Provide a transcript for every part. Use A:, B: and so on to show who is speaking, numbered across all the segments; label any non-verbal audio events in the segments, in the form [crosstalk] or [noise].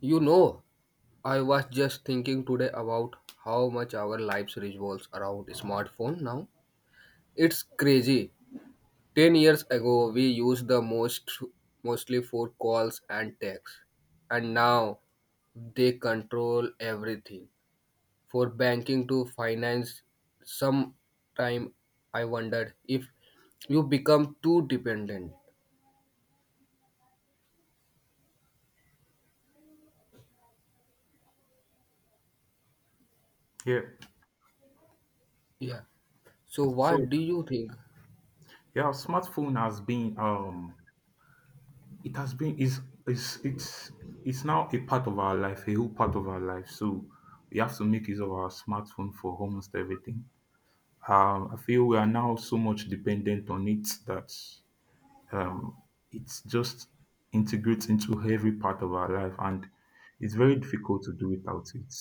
A: You know, I was just thinking today about how much our lives revolves around smartphone now. It's crazy. 10 years ago we used the most mostly for calls and texts. And now they control everything. For banking to finance some I wondered if you become too dependent.
B: Yeah.
A: Yeah. So
B: So
A: what do you think?
B: yeah, smartphone has been it has been is it's it's it's now a part of our life, a whole part of our life. So we have to make use of our smartphone for almost everything. I feel we are now so much dependent on it that um it's just integrates into every part of our life, and it's very difficult to do without it.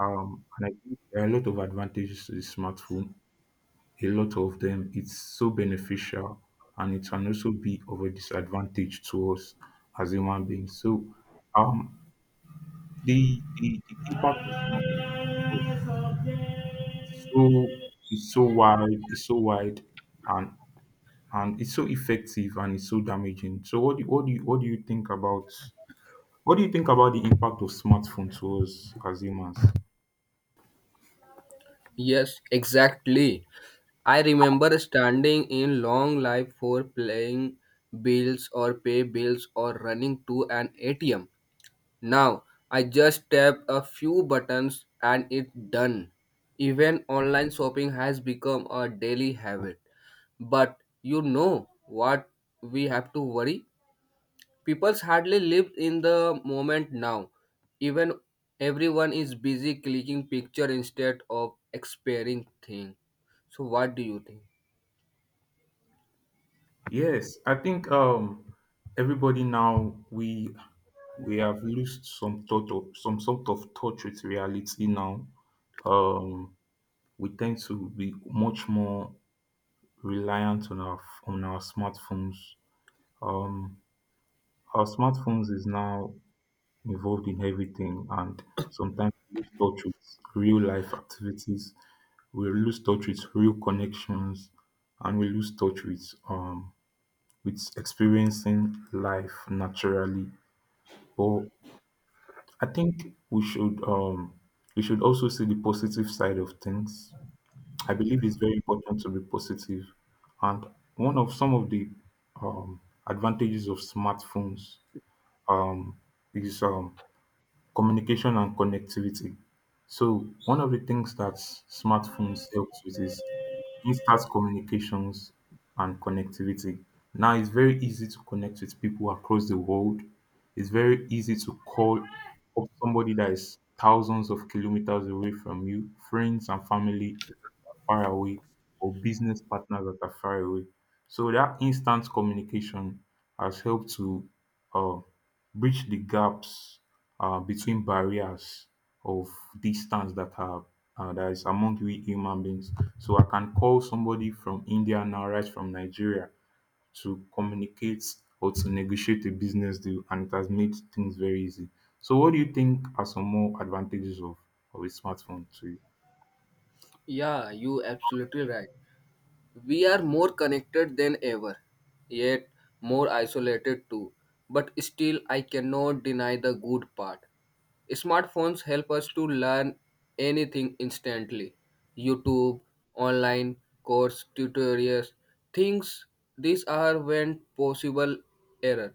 B: And I think there are a lot of advantages to the smartphone, a lot of them. It's so beneficial, and it can also be of a disadvantage to us as human beings. So um the impact of smoke is it's so wide, it's so wide, and and it's so effective, and it's so damaging. So what do you think about the impact of smartphone to us as humans?
A: Yes, exactly. I remember standing in long line for playing bills or pay bills or running to an ATM. Now I just tap a few buttons and it's done. Even online shopping has become a daily habit. But you know what we have to worry? People's hardly live in the moment now. Even everyone is busy clicking picture instead of experiencing thing. So what do you think?
B: Yes, I think everybody now we have lost some sort of touch with reality now. Um, we tend to be much more reliant on our smartphones. Um, our smartphones is now involved in everything, and sometimes we lose touch with real life activities. We lose touch with real connections, and we lose touch um with experiencing life naturally. But I think we should also see the positive side of things. I believe it's very important to be positive. And one of some of the um advantages of smartphones um is communication and connectivity. So one of the things that smartphones helps with is instant communications and connectivity. Now it's very easy to connect with people across the world. It's very easy to call up somebody that is thousands of kilometers away from you, friends and family far away, or business partners that are far away. So that instant communication has helped to uh, bridge the gaps, between barriers of distance that are, that is among we human beings. So I can call somebody from India now, right from Nigeria, to communicate or to negotiate a business deal, and it has made things very easy. So, what do you think are some more advantages of a smartphone to you?
A: Yeah, you absolutely right. We are more connected than ever, yet more isolated too. But still, I cannot deny the good part. Smartphones help us to learn anything instantly YouTube, online course, tutorials, things. These are when possible error.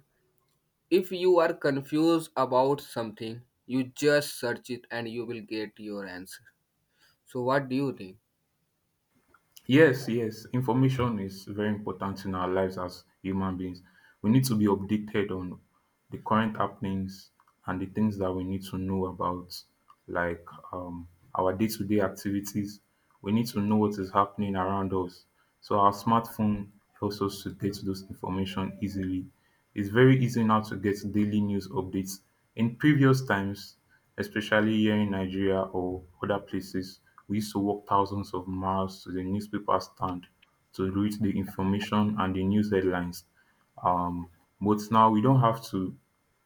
A: If you are confused about something, you just search it and you will get your answer. So, what do you think?
B: Yes, yes. Information is very important in our lives as human beings. We need to be updated on the current happenings and the things that we need to know about, like um, our day to day activities. We need to know what is happening around us. So, our smartphone helps us to get those information easily. It's very easy now to get daily news updates. In previous times, especially here in Nigeria or other places, we used to walk thousands of miles to the newspaper stand to read the information and the news headlines. um but now we don't have to,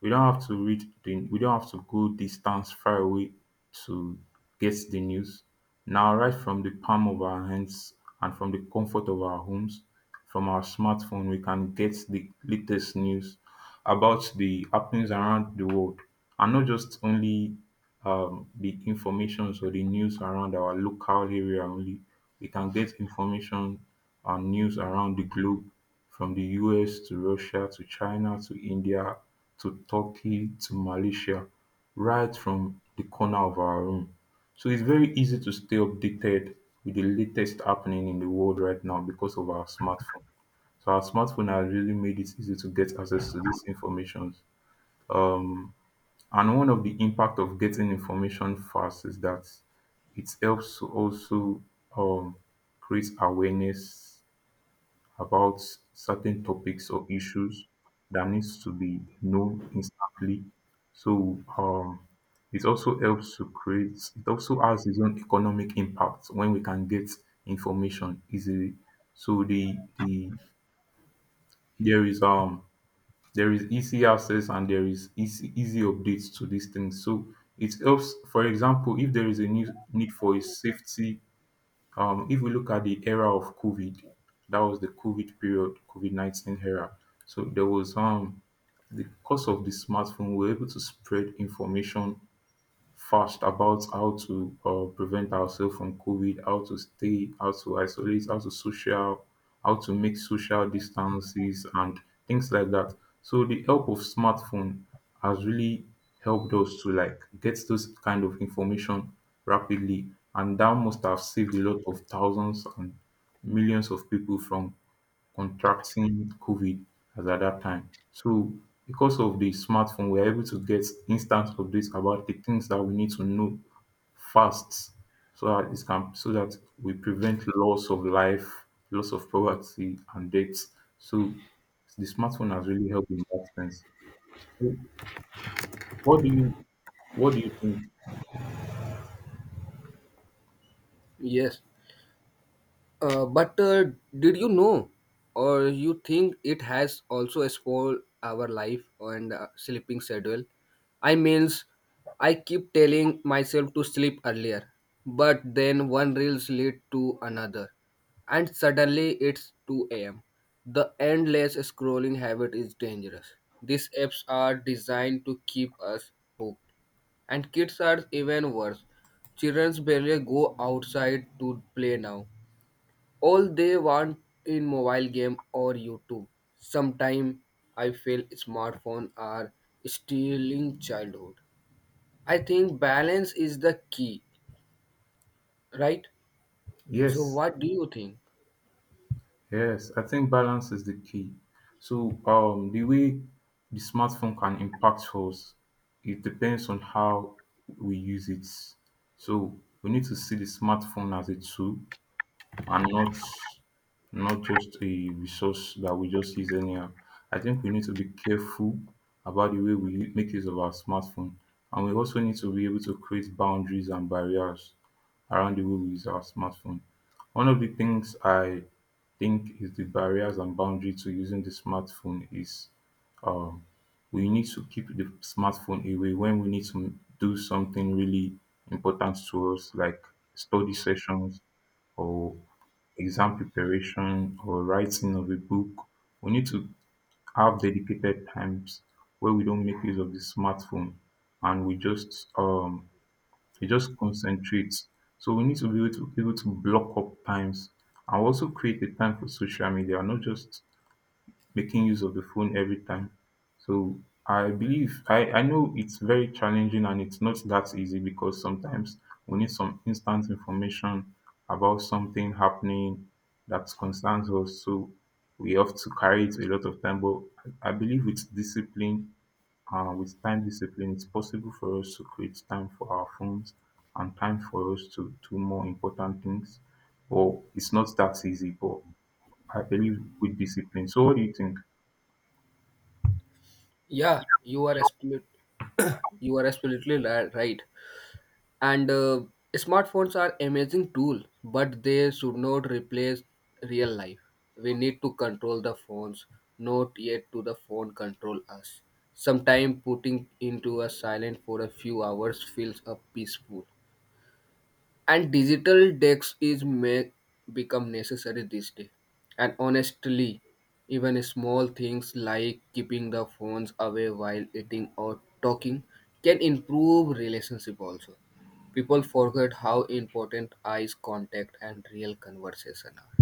B: we don't have to read the we don't have to go distance far away to get the news. Now, right from the palm of our hands and from the comfort of our homes, from our smartphone we can get the latest news about the happenings around the world, and not just only the informations or the news around our local area only. We can get information and news around the globe, from the US to Russia to China to India, to Turkey to Malaysia, right from the corner of our room. So it's very easy to stay updated with the latest happening in the world right now because of our smartphone. So our smartphone has really made it easy to get access to this information. um and one of the impact of getting information fast is that it helps to also um create awareness about certain topics or issues that needs to be known instantly. So it also helps to create. It also has its own economic impact when we can get information easily. So there is um there is easy access, and there is easy updates to these things. So it helps. For example, if there is a need for a safety, if we look at the era of COVID, that was the COVID period, COVID-19 era. So there was the because of the smartphone, we were able to spread information fast about how to prevent ourselves from COVID, how to stay, how to make social distances and things like that. So the help of smartphone has really helped us to like get those kind of information rapidly, and that must have saved a lot of thousands and millions of people from contracting COVID as at that time. So because of the smartphone, we're able to get instant updates about the things that we need to know fast, so that it can so that we prevent loss of life, loss of property and deaths. So the smartphone has really helped in that sense. So what do you what do you think?
A: Yes. But did you know, or you think it has also spoiled our life and sleeping schedule? I means, I keep telling myself to sleep earlier, but then one reels lead to another, and suddenly it's 2 a.m. The endless scrolling habit is dangerous. These apps are designed to keep us hooked, and kids are even worse. Children barely go outside to play now all they want in mobile game or YouTube. Sometime I feel smartphone are stealing childhood. I think balance is the key, right? So
B: Yes.
A: what do you think?
B: Yes, I think balance is the key. So, the way the smartphone can impact us, it depends on how we use it. So, we need to see the smartphone as a tool, and not just a resource that we just use anyhow. I think we need to be careful about the way we make use of our smartphone, and we also need to be able to create boundaries and barriers around the way we use our smartphone. One of the things I think is the barriers and boundary to using the smartphone is, um, we need to keep the smartphone away when we need to do something really important to us, like study sessions or exam preparation or writing of a book. We need to have dedicated times where we don't make use of the smartphone, and we just, it just concentrates. So we need to be able to block up times, and also create a time for social media, not just making use of the phone every time. So I know it's very challenging, and it's not that easy because sometimes we need some instant information about something happening that concerns us. So we have to carry it a lot of time. But I believe with discipline, with time discipline, it's possible for us to create time for our phones and time for us to do more important things. But it's not that easy, but I believe with discipline. So, what do you think?
A: Yeah, you are absolute, you are absolutely right. And smartphones are amazing tool but they should not replace real life. We need to control the phones, not yet to the phone control us. Sometimes putting into a silent for a few hours feels peaceful, and digital decks is make become necessary this day. And honestly, even small things like keeping the phones away while eating or talking can improve relationship also. People forget how important eyes contact and real conversation are.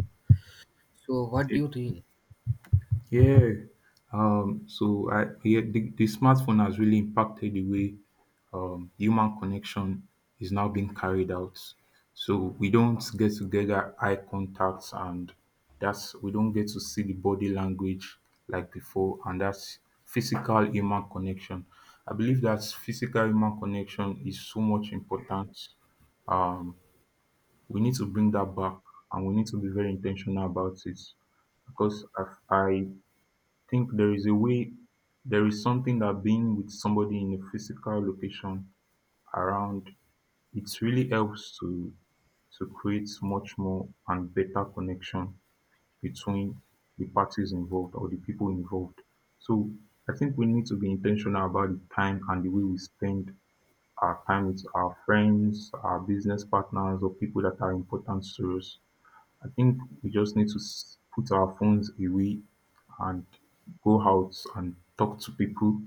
A: So what do
B: Eh,
A: you think?
B: Yeah. The smartphone has really impacted the way, human connection is now being carried out. So we don't get together eye contacts, and that's we don't get to see the body language like before, and that's physical human connection. I believe that physical human connection is so much important. Um, we need to bring that back, and we need to be very intentional about it because I think there is something that being with somebody in a physical location around, it really helps to create much more and better connection between the parties involved or the people involved. So I think we need to be intentional about the time and the way we spend our time with our friends, our business partners, or people that are important to us. I think we just need to put our phones away and go out and talk to people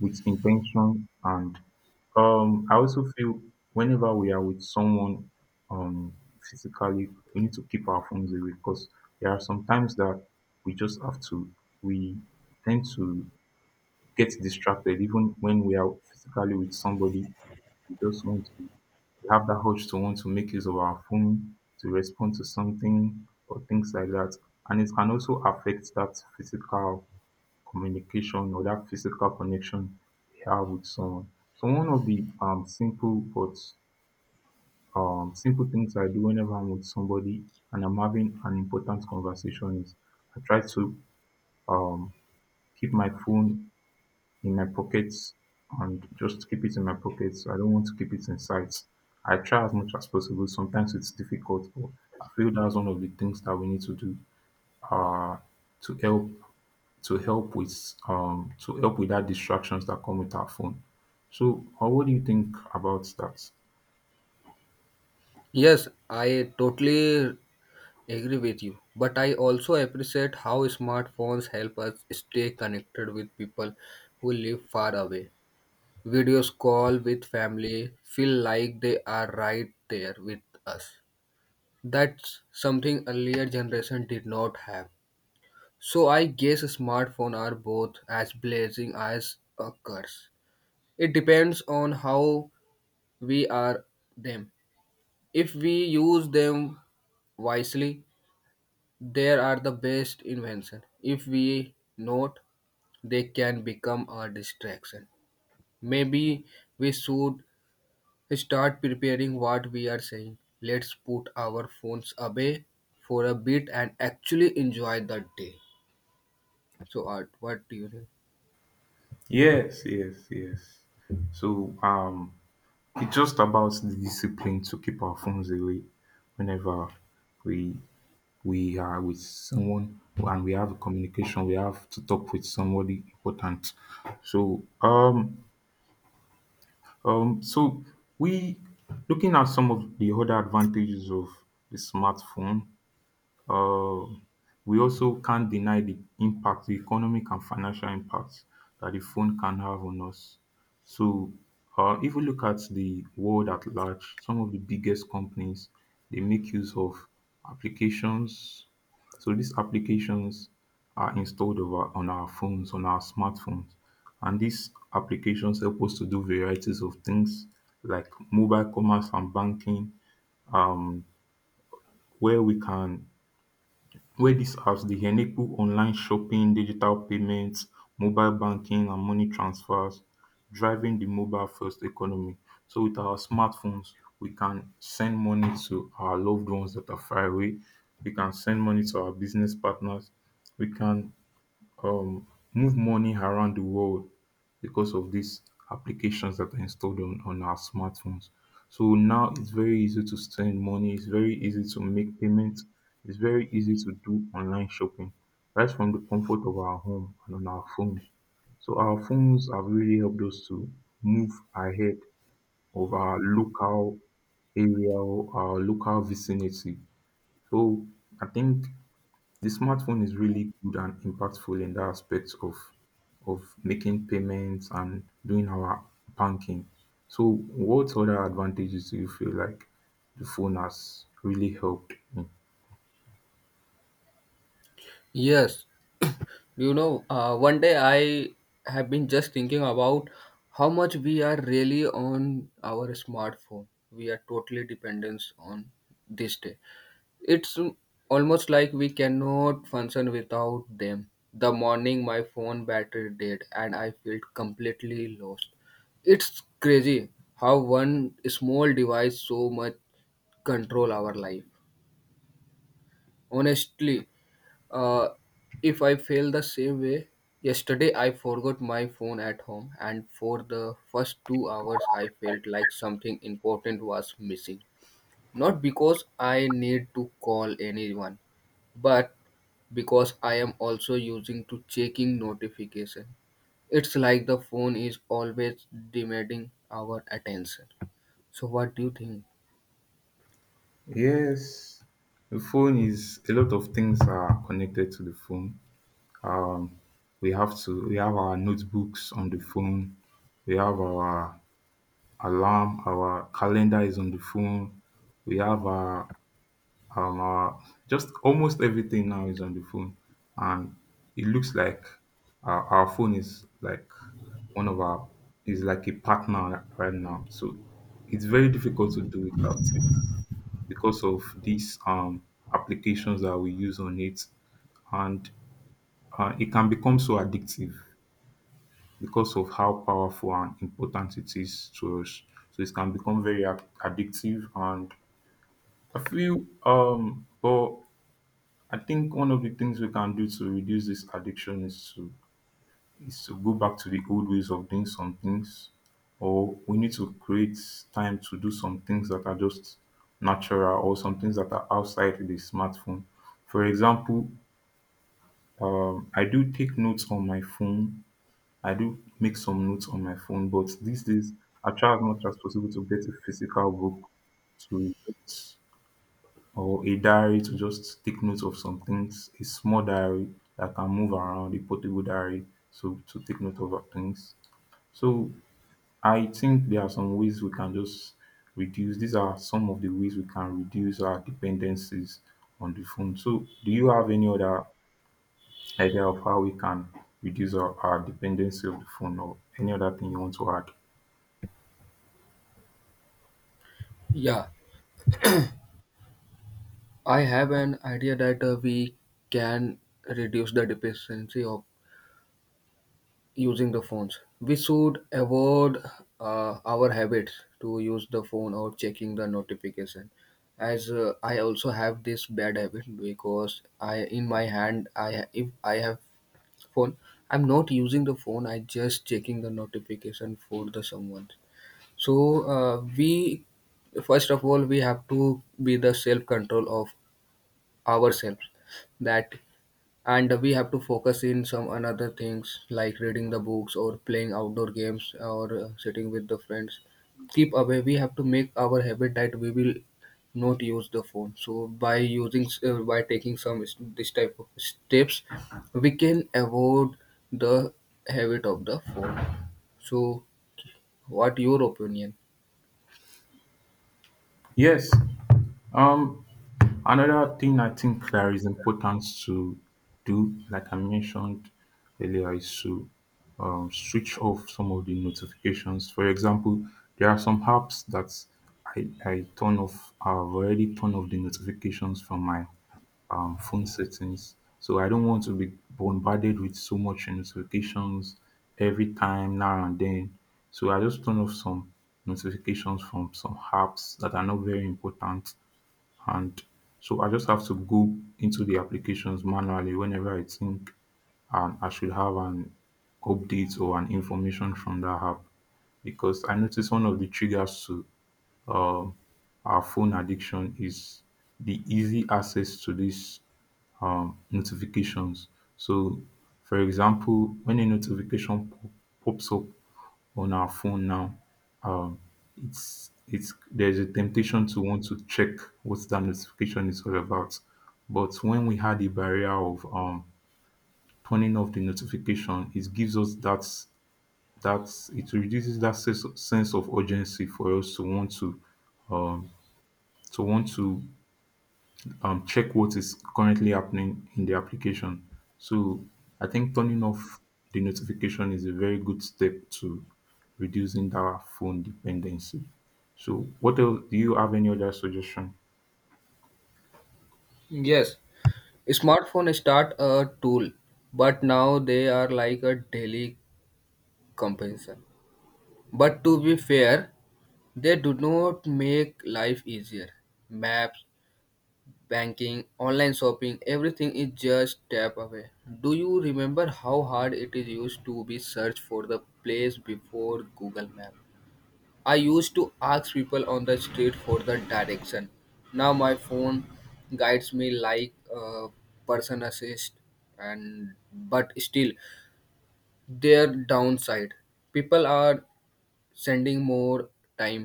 B: with intention. And I also feel, whenever we are with someone, um physically we need to keep our phones away because there are some times that we just have to we tend to get distracted even when we are physically with somebody. We just want to we have that urge to want to make use of our phone to respond to something or things like that, and it can also affect that physical communication or that physical connection we have with someone. So one of the simple things I do whenever I'm with somebody and I'm having an important conversation is, I try to um keep my phone in my pockets, and just keep it in my pockets. I don't want to keep it in sight. I try as much as possible. Sometimes it's difficult, but I feel that's one of the things that we need to do, uh to help, to help with that distractions that come with our phone. So, what do you think about that?
A: Yes, I totally agree with you, but I also appreciate how smartphones help us stay connected with people who live far away. Videos call with family feel like they are right there with us. That's something earlier generation did not have. So I guess smartphone are both as blessing as a curse. It depends on how we are them. If we use them wisely, they are the best invention. If we not, they can become a distraction. Maybe we should start preparing what we are saying. Let's put our phones away for a bit and actually enjoy the day. So, Art, what do you think?
B: Yes, yes, yes. So it's just about the discipline to keep our phones away whenever we we are with someone, and we have a communication, we have to talk with somebody important. So so we looking at some of the other advantages of the smartphone. um we also can't deny the impact, the economic and financial impact that the phone can have on us. So if we look at the world at large, some of the biggest companies, they make use of applications. So these applications are installed over on our phones, on our smartphones, and these applications help us to do varieties of things like mobile commerce and banking, um, where we can, where dis apps dey enable online shopping, digital payments, mobile banking, and money transfers, driving the mobile first economy. So with our smartphones, we can send money to our loved ones that are far away, we can send money to our business partners, we can, um, move money around the world because of these applications that are installed on our smartphones. So now it's very easy to send money, it's very easy to make payments, it's very easy to do online shopping right from the comfort of our home and on our phones. So our phones have really helped us to move ahead of our local area or our local vicinity. So I think the smartphone is really good and impactful in that aspect of making payments and doing our banking. So, what other advantages do you feel like the phone has really helped me?
A: Yes, you know, one day I have been just thinking about how much we are really on our smartphone. We are totally dependent on this day. It's almost like we cannot function without them. The morning my phone battery died and I felt completely lost. It's crazy how one small device so much control our life. Honestly, uh, if I feel the same way, yesterday I forgot my phone at home and for the first 2 hours I felt like something important was missing. Not because I need to call anyone, but because I am also using to checking notification. It's like the phone is always demanding our attention. So what do you think?
B: Yes, the phone, is a lot of things are connected to the phone. Um, we have to, we have our notebooks on the phone. We have our alarm, our calendar is on the phone. We have our um, our just almost everything now is on the phone, and it looks like our phone is like one of our, is like a partner right now. So it's very difficult to do without it because of these applications that we use on it, and it can become so addictive because of how powerful and important it is to us. So it can become very addictive, and I feel but I think one of the things we can do to reduce this addiction is to, go back to the old ways of doing some things, or we need to create time to do some things that are just natural or some things that are outside the smartphone. For example, I do take notes on my phone. I do make some notes on my phone, but these days I try as much as possible to get a physical book to just, or a diary to just take notes of some things, a small diary that can move around, a portable diary so to take note of our things. So I think there are some ways we can just reduce. These are some of the ways we can reduce our dependencies on the phone. So do you have any other idea of how we can reduce our dependency of the phone or any other thing you want to add?
A: Yeah, I have an idea that we can reduce the dependency of using the phones. We should avoid our habits to use the phone or checking the notification. As I also have this bad habit because I in my hand I if I have phone, I'm not using the phone, I just checking the notification for the someone. So we first of all we have to be the self control of ourselves that, and we have to focus in some another things like reading the books or playing outdoor games or sitting with the friends keep away. We have to make our habit that we will not use the phone. So by using by taking some this type of steps we can avoid the habit of the phone. So what your opinion?
B: Yes. Um, Another thing I think that is important to do, like I mentioned earlier, is to switch off some of the notifications. For example, there are some apps that I turn off, I've already turned off the notifications from my phone settings. So I don't want to be bombarded with so much notifications every time now and then. So I just turn off some notifications from some apps that are not very important, and so I just have to go into the applications manually whenever I think I should have an update or an information from that app. Because I noticed one of the triggers to um, our phone addiction is the easy access to these notifications. So, for example, when a notification pops up on our phone now, um, it's there's a temptation to want to check what that notification is all about. But when we had the barrier of turning off the notification, it gives us that, it reduces that sense of urgency for us to want to, to want to check what is currently happening in the application. So I think turning off the notification is a very good step to reducing that phone dependency. So what else, do you have any other suggestion?
A: Yes, smartphone start a tool, but now they are like a daily companion. But to be fair, they do not make life easier. Maps, banking, online shopping, everything is just tap away. Do you remember how hard it is used to be search for the place before Google Map? I used to ask people on the street for the direction. Now my phone guides me like a person assist, and but still their downside, people are sending more time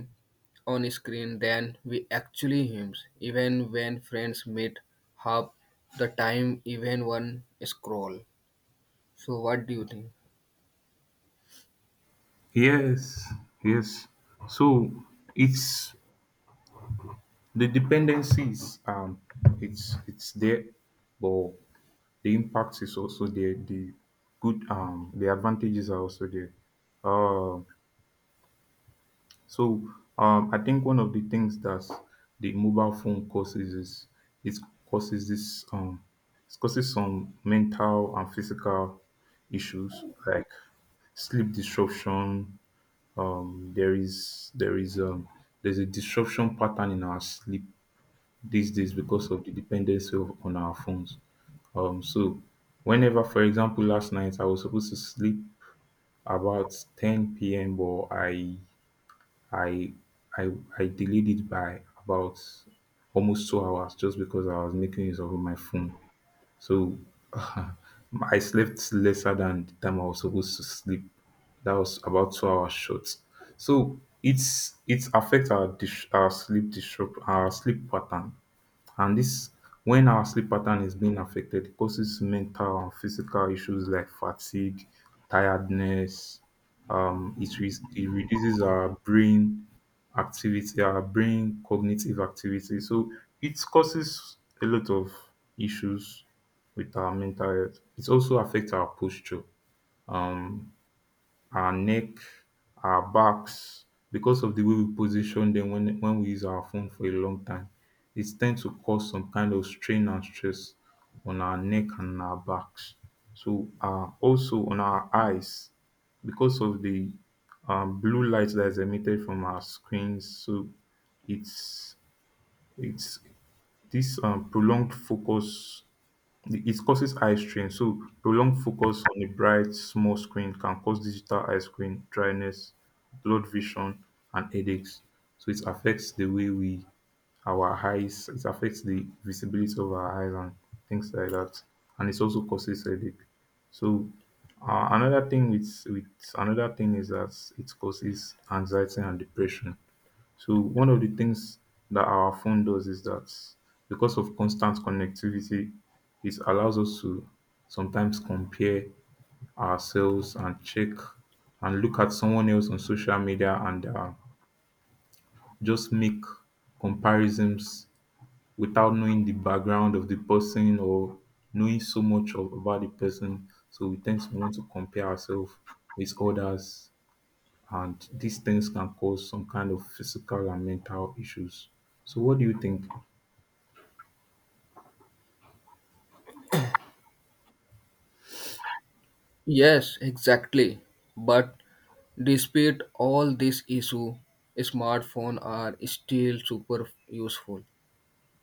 A: on screen than we actually use. Even when friends meet, half the time even one scroll. So what do you think?
B: Yes, yes. So it's the dependencies. It's there, but the impact is also there. The good, the advantages are also there. Um, So, I think one of the things that the mobile phone causes is it causes this it causes some mental and physical issues like sleep disruption. There is there's a disruption pattern in our sleep these days because of the dependency on our phones. So whenever, for example, last night I was supposed to sleep about 10 p.m., but I I I delayed it by about almost 2 hours just because I was making use of my phone. So [laughs] I slept lesser than the time I was supposed to sleep. That was about 2 hours short. So it's affect our sleep, disrupt our sleep pattern, and this, when our sleep pattern is being affected, it causes mental and physical issues like fatigue, tiredness. It reduces our brain activity, our brain cognitive activity. So it causes a lot of issues with our mental health. It also affects our posture, um, our neck, our backs, because of the way we position them when we use our phone for a long time. It tends to cause some kind of strain and stress on our neck and our backs. So, also on our eyes, because of the blue light that is emitted from our screens. So, it's it's this prolonged focus, it causes eye strain. So prolonged focus on a bright, small screen can cause digital eye strain, dryness, blurred vision, and headaches. So it affects the way our eyes, it affects the visibility of our eyes and things like that. And it also causes headache. So uh, another thing with, with another thing is that it causes anxiety and depression. So one of the things that our phone does is that because of constant connectivity, it allows us to sometimes compare ourselves and check and look at someone else on social media, and just make comparisons without knowing the background of the person or knowing so much about the person. So we tend to want to compare ourselves with others, and these things can cause some kind of physical and mental issues. So what do you think?
A: Yes, exactly. But despite all this issue, smartphones are still super useful.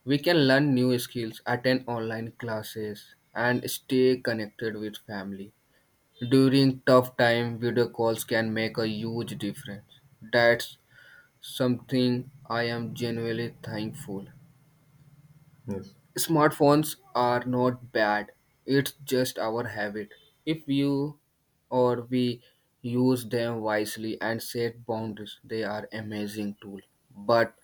A: We can learn new skills, attend online classes, and stay connected with family. During tough time, video calls can make a huge difference. That's something I am genuinely thankful.
B: Yes.
A: Smartphones are not bad. It's just our habit. If you or we use them wisely and set boundaries, they are amazing tool. But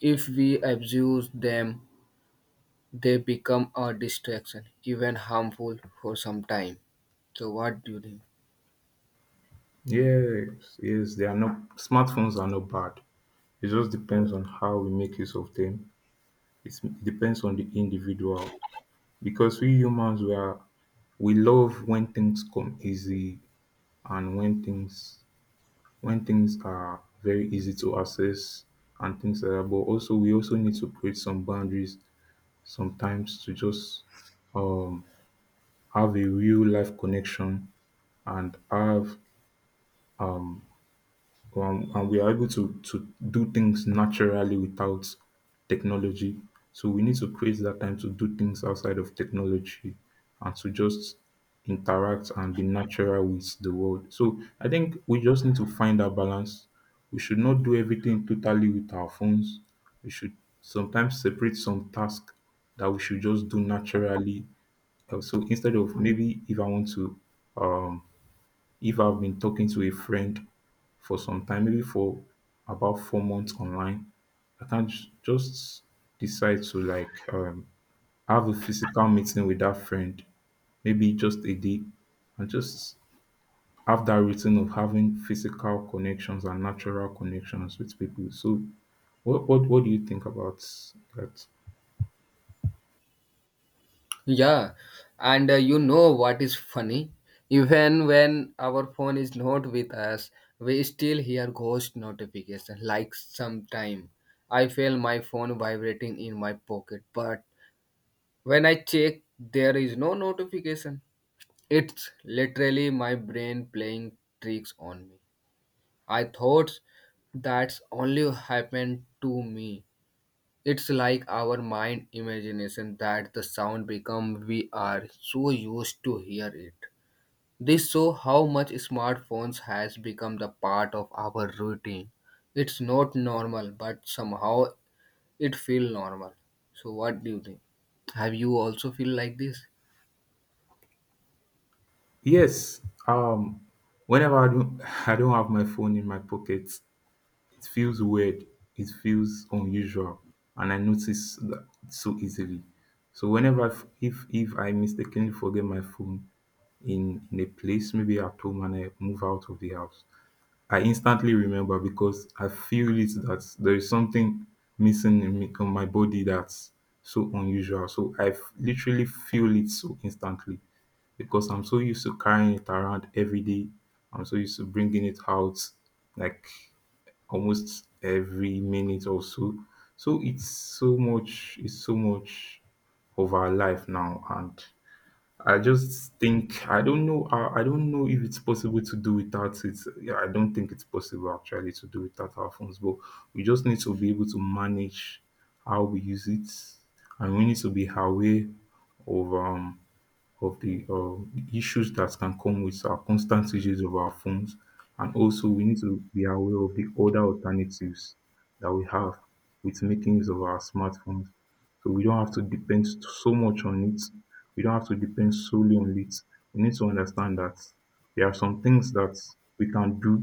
A: if we abuse them, they become a distraction, even harmful for some time. So what do you think?
B: Yes, yes, they are not smartphones are not bad. It just depends on how we make use of them. It depends on the individual, because we humans, we love when things come easy, and when things, are very easy to access and things like that. But also we also need to create some boundaries sometimes to just um have a real life connection and have and we are able to do things naturally without technology. So we need to create that time to do things outside of technology and to just interact and be natural with the world. So I think we just need to find that balance. We should not do everything totally with our phones. We should sometimes separate some tasks that we should just do naturally. So instead of, maybe if I want to um if I've been talking to a friend for some time, maybe for about 4 months online, I can't just decide to like have a physical meeting with that friend, maybe just a day, and just have that routine of having physical connections and natural connections with people. So, what do you think about that?
A: Yeah, and you know what is funny? Even when our phone is not with us, we still hear ghost notification like sometime. I feel my phone vibrating in my pocket, but when I check, there is no notification. It's literally my brain playing tricks on me. I thought that's only happened to me, it's like our mind imagination that the sound become we are so used to hear it. This show how much smartphones has become the part of our routine. It's not normal, but somehow it feel normal. So what do you think? Have you also feel like this?
B: Yes, whenever I don't [laughs] I don't have my phone in my pocket, it feels weird, it feels unusual, and I notice that so easily. So whenever, if I mistakenly forget my phone in a place, maybe at home, and I move out of the house, I instantly remember because I feel it, that there is something missing in me on my body, that's so unusual. So I literally feel it so instantly because I'm so used to carrying it around every day. I'm so used to bringing it out like almost every minute or so. So it's so much of our life now. And I just think, I don't know. I don't know if it's possible to do without it. Yeah, I don't think it's possible actually to do without our phones. But we just need to be able to manage how we use it, and we need to be aware of um of the issues that can come with our constant usage of our phones. And also, we need to be aware of the other alternatives that we have with making use of our smartphones. So we don't have to depend so much on it. We don't have to depend solely on it. We need to understand that there are some things that we can do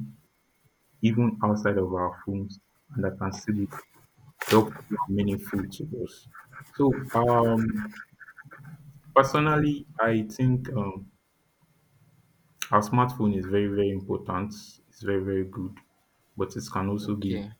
B: even outside of our phones and that can still be helpful and meaningful to us. So, personally, I think our smartphone is very, very important. It's very, very good, but it can also be
A: Okay.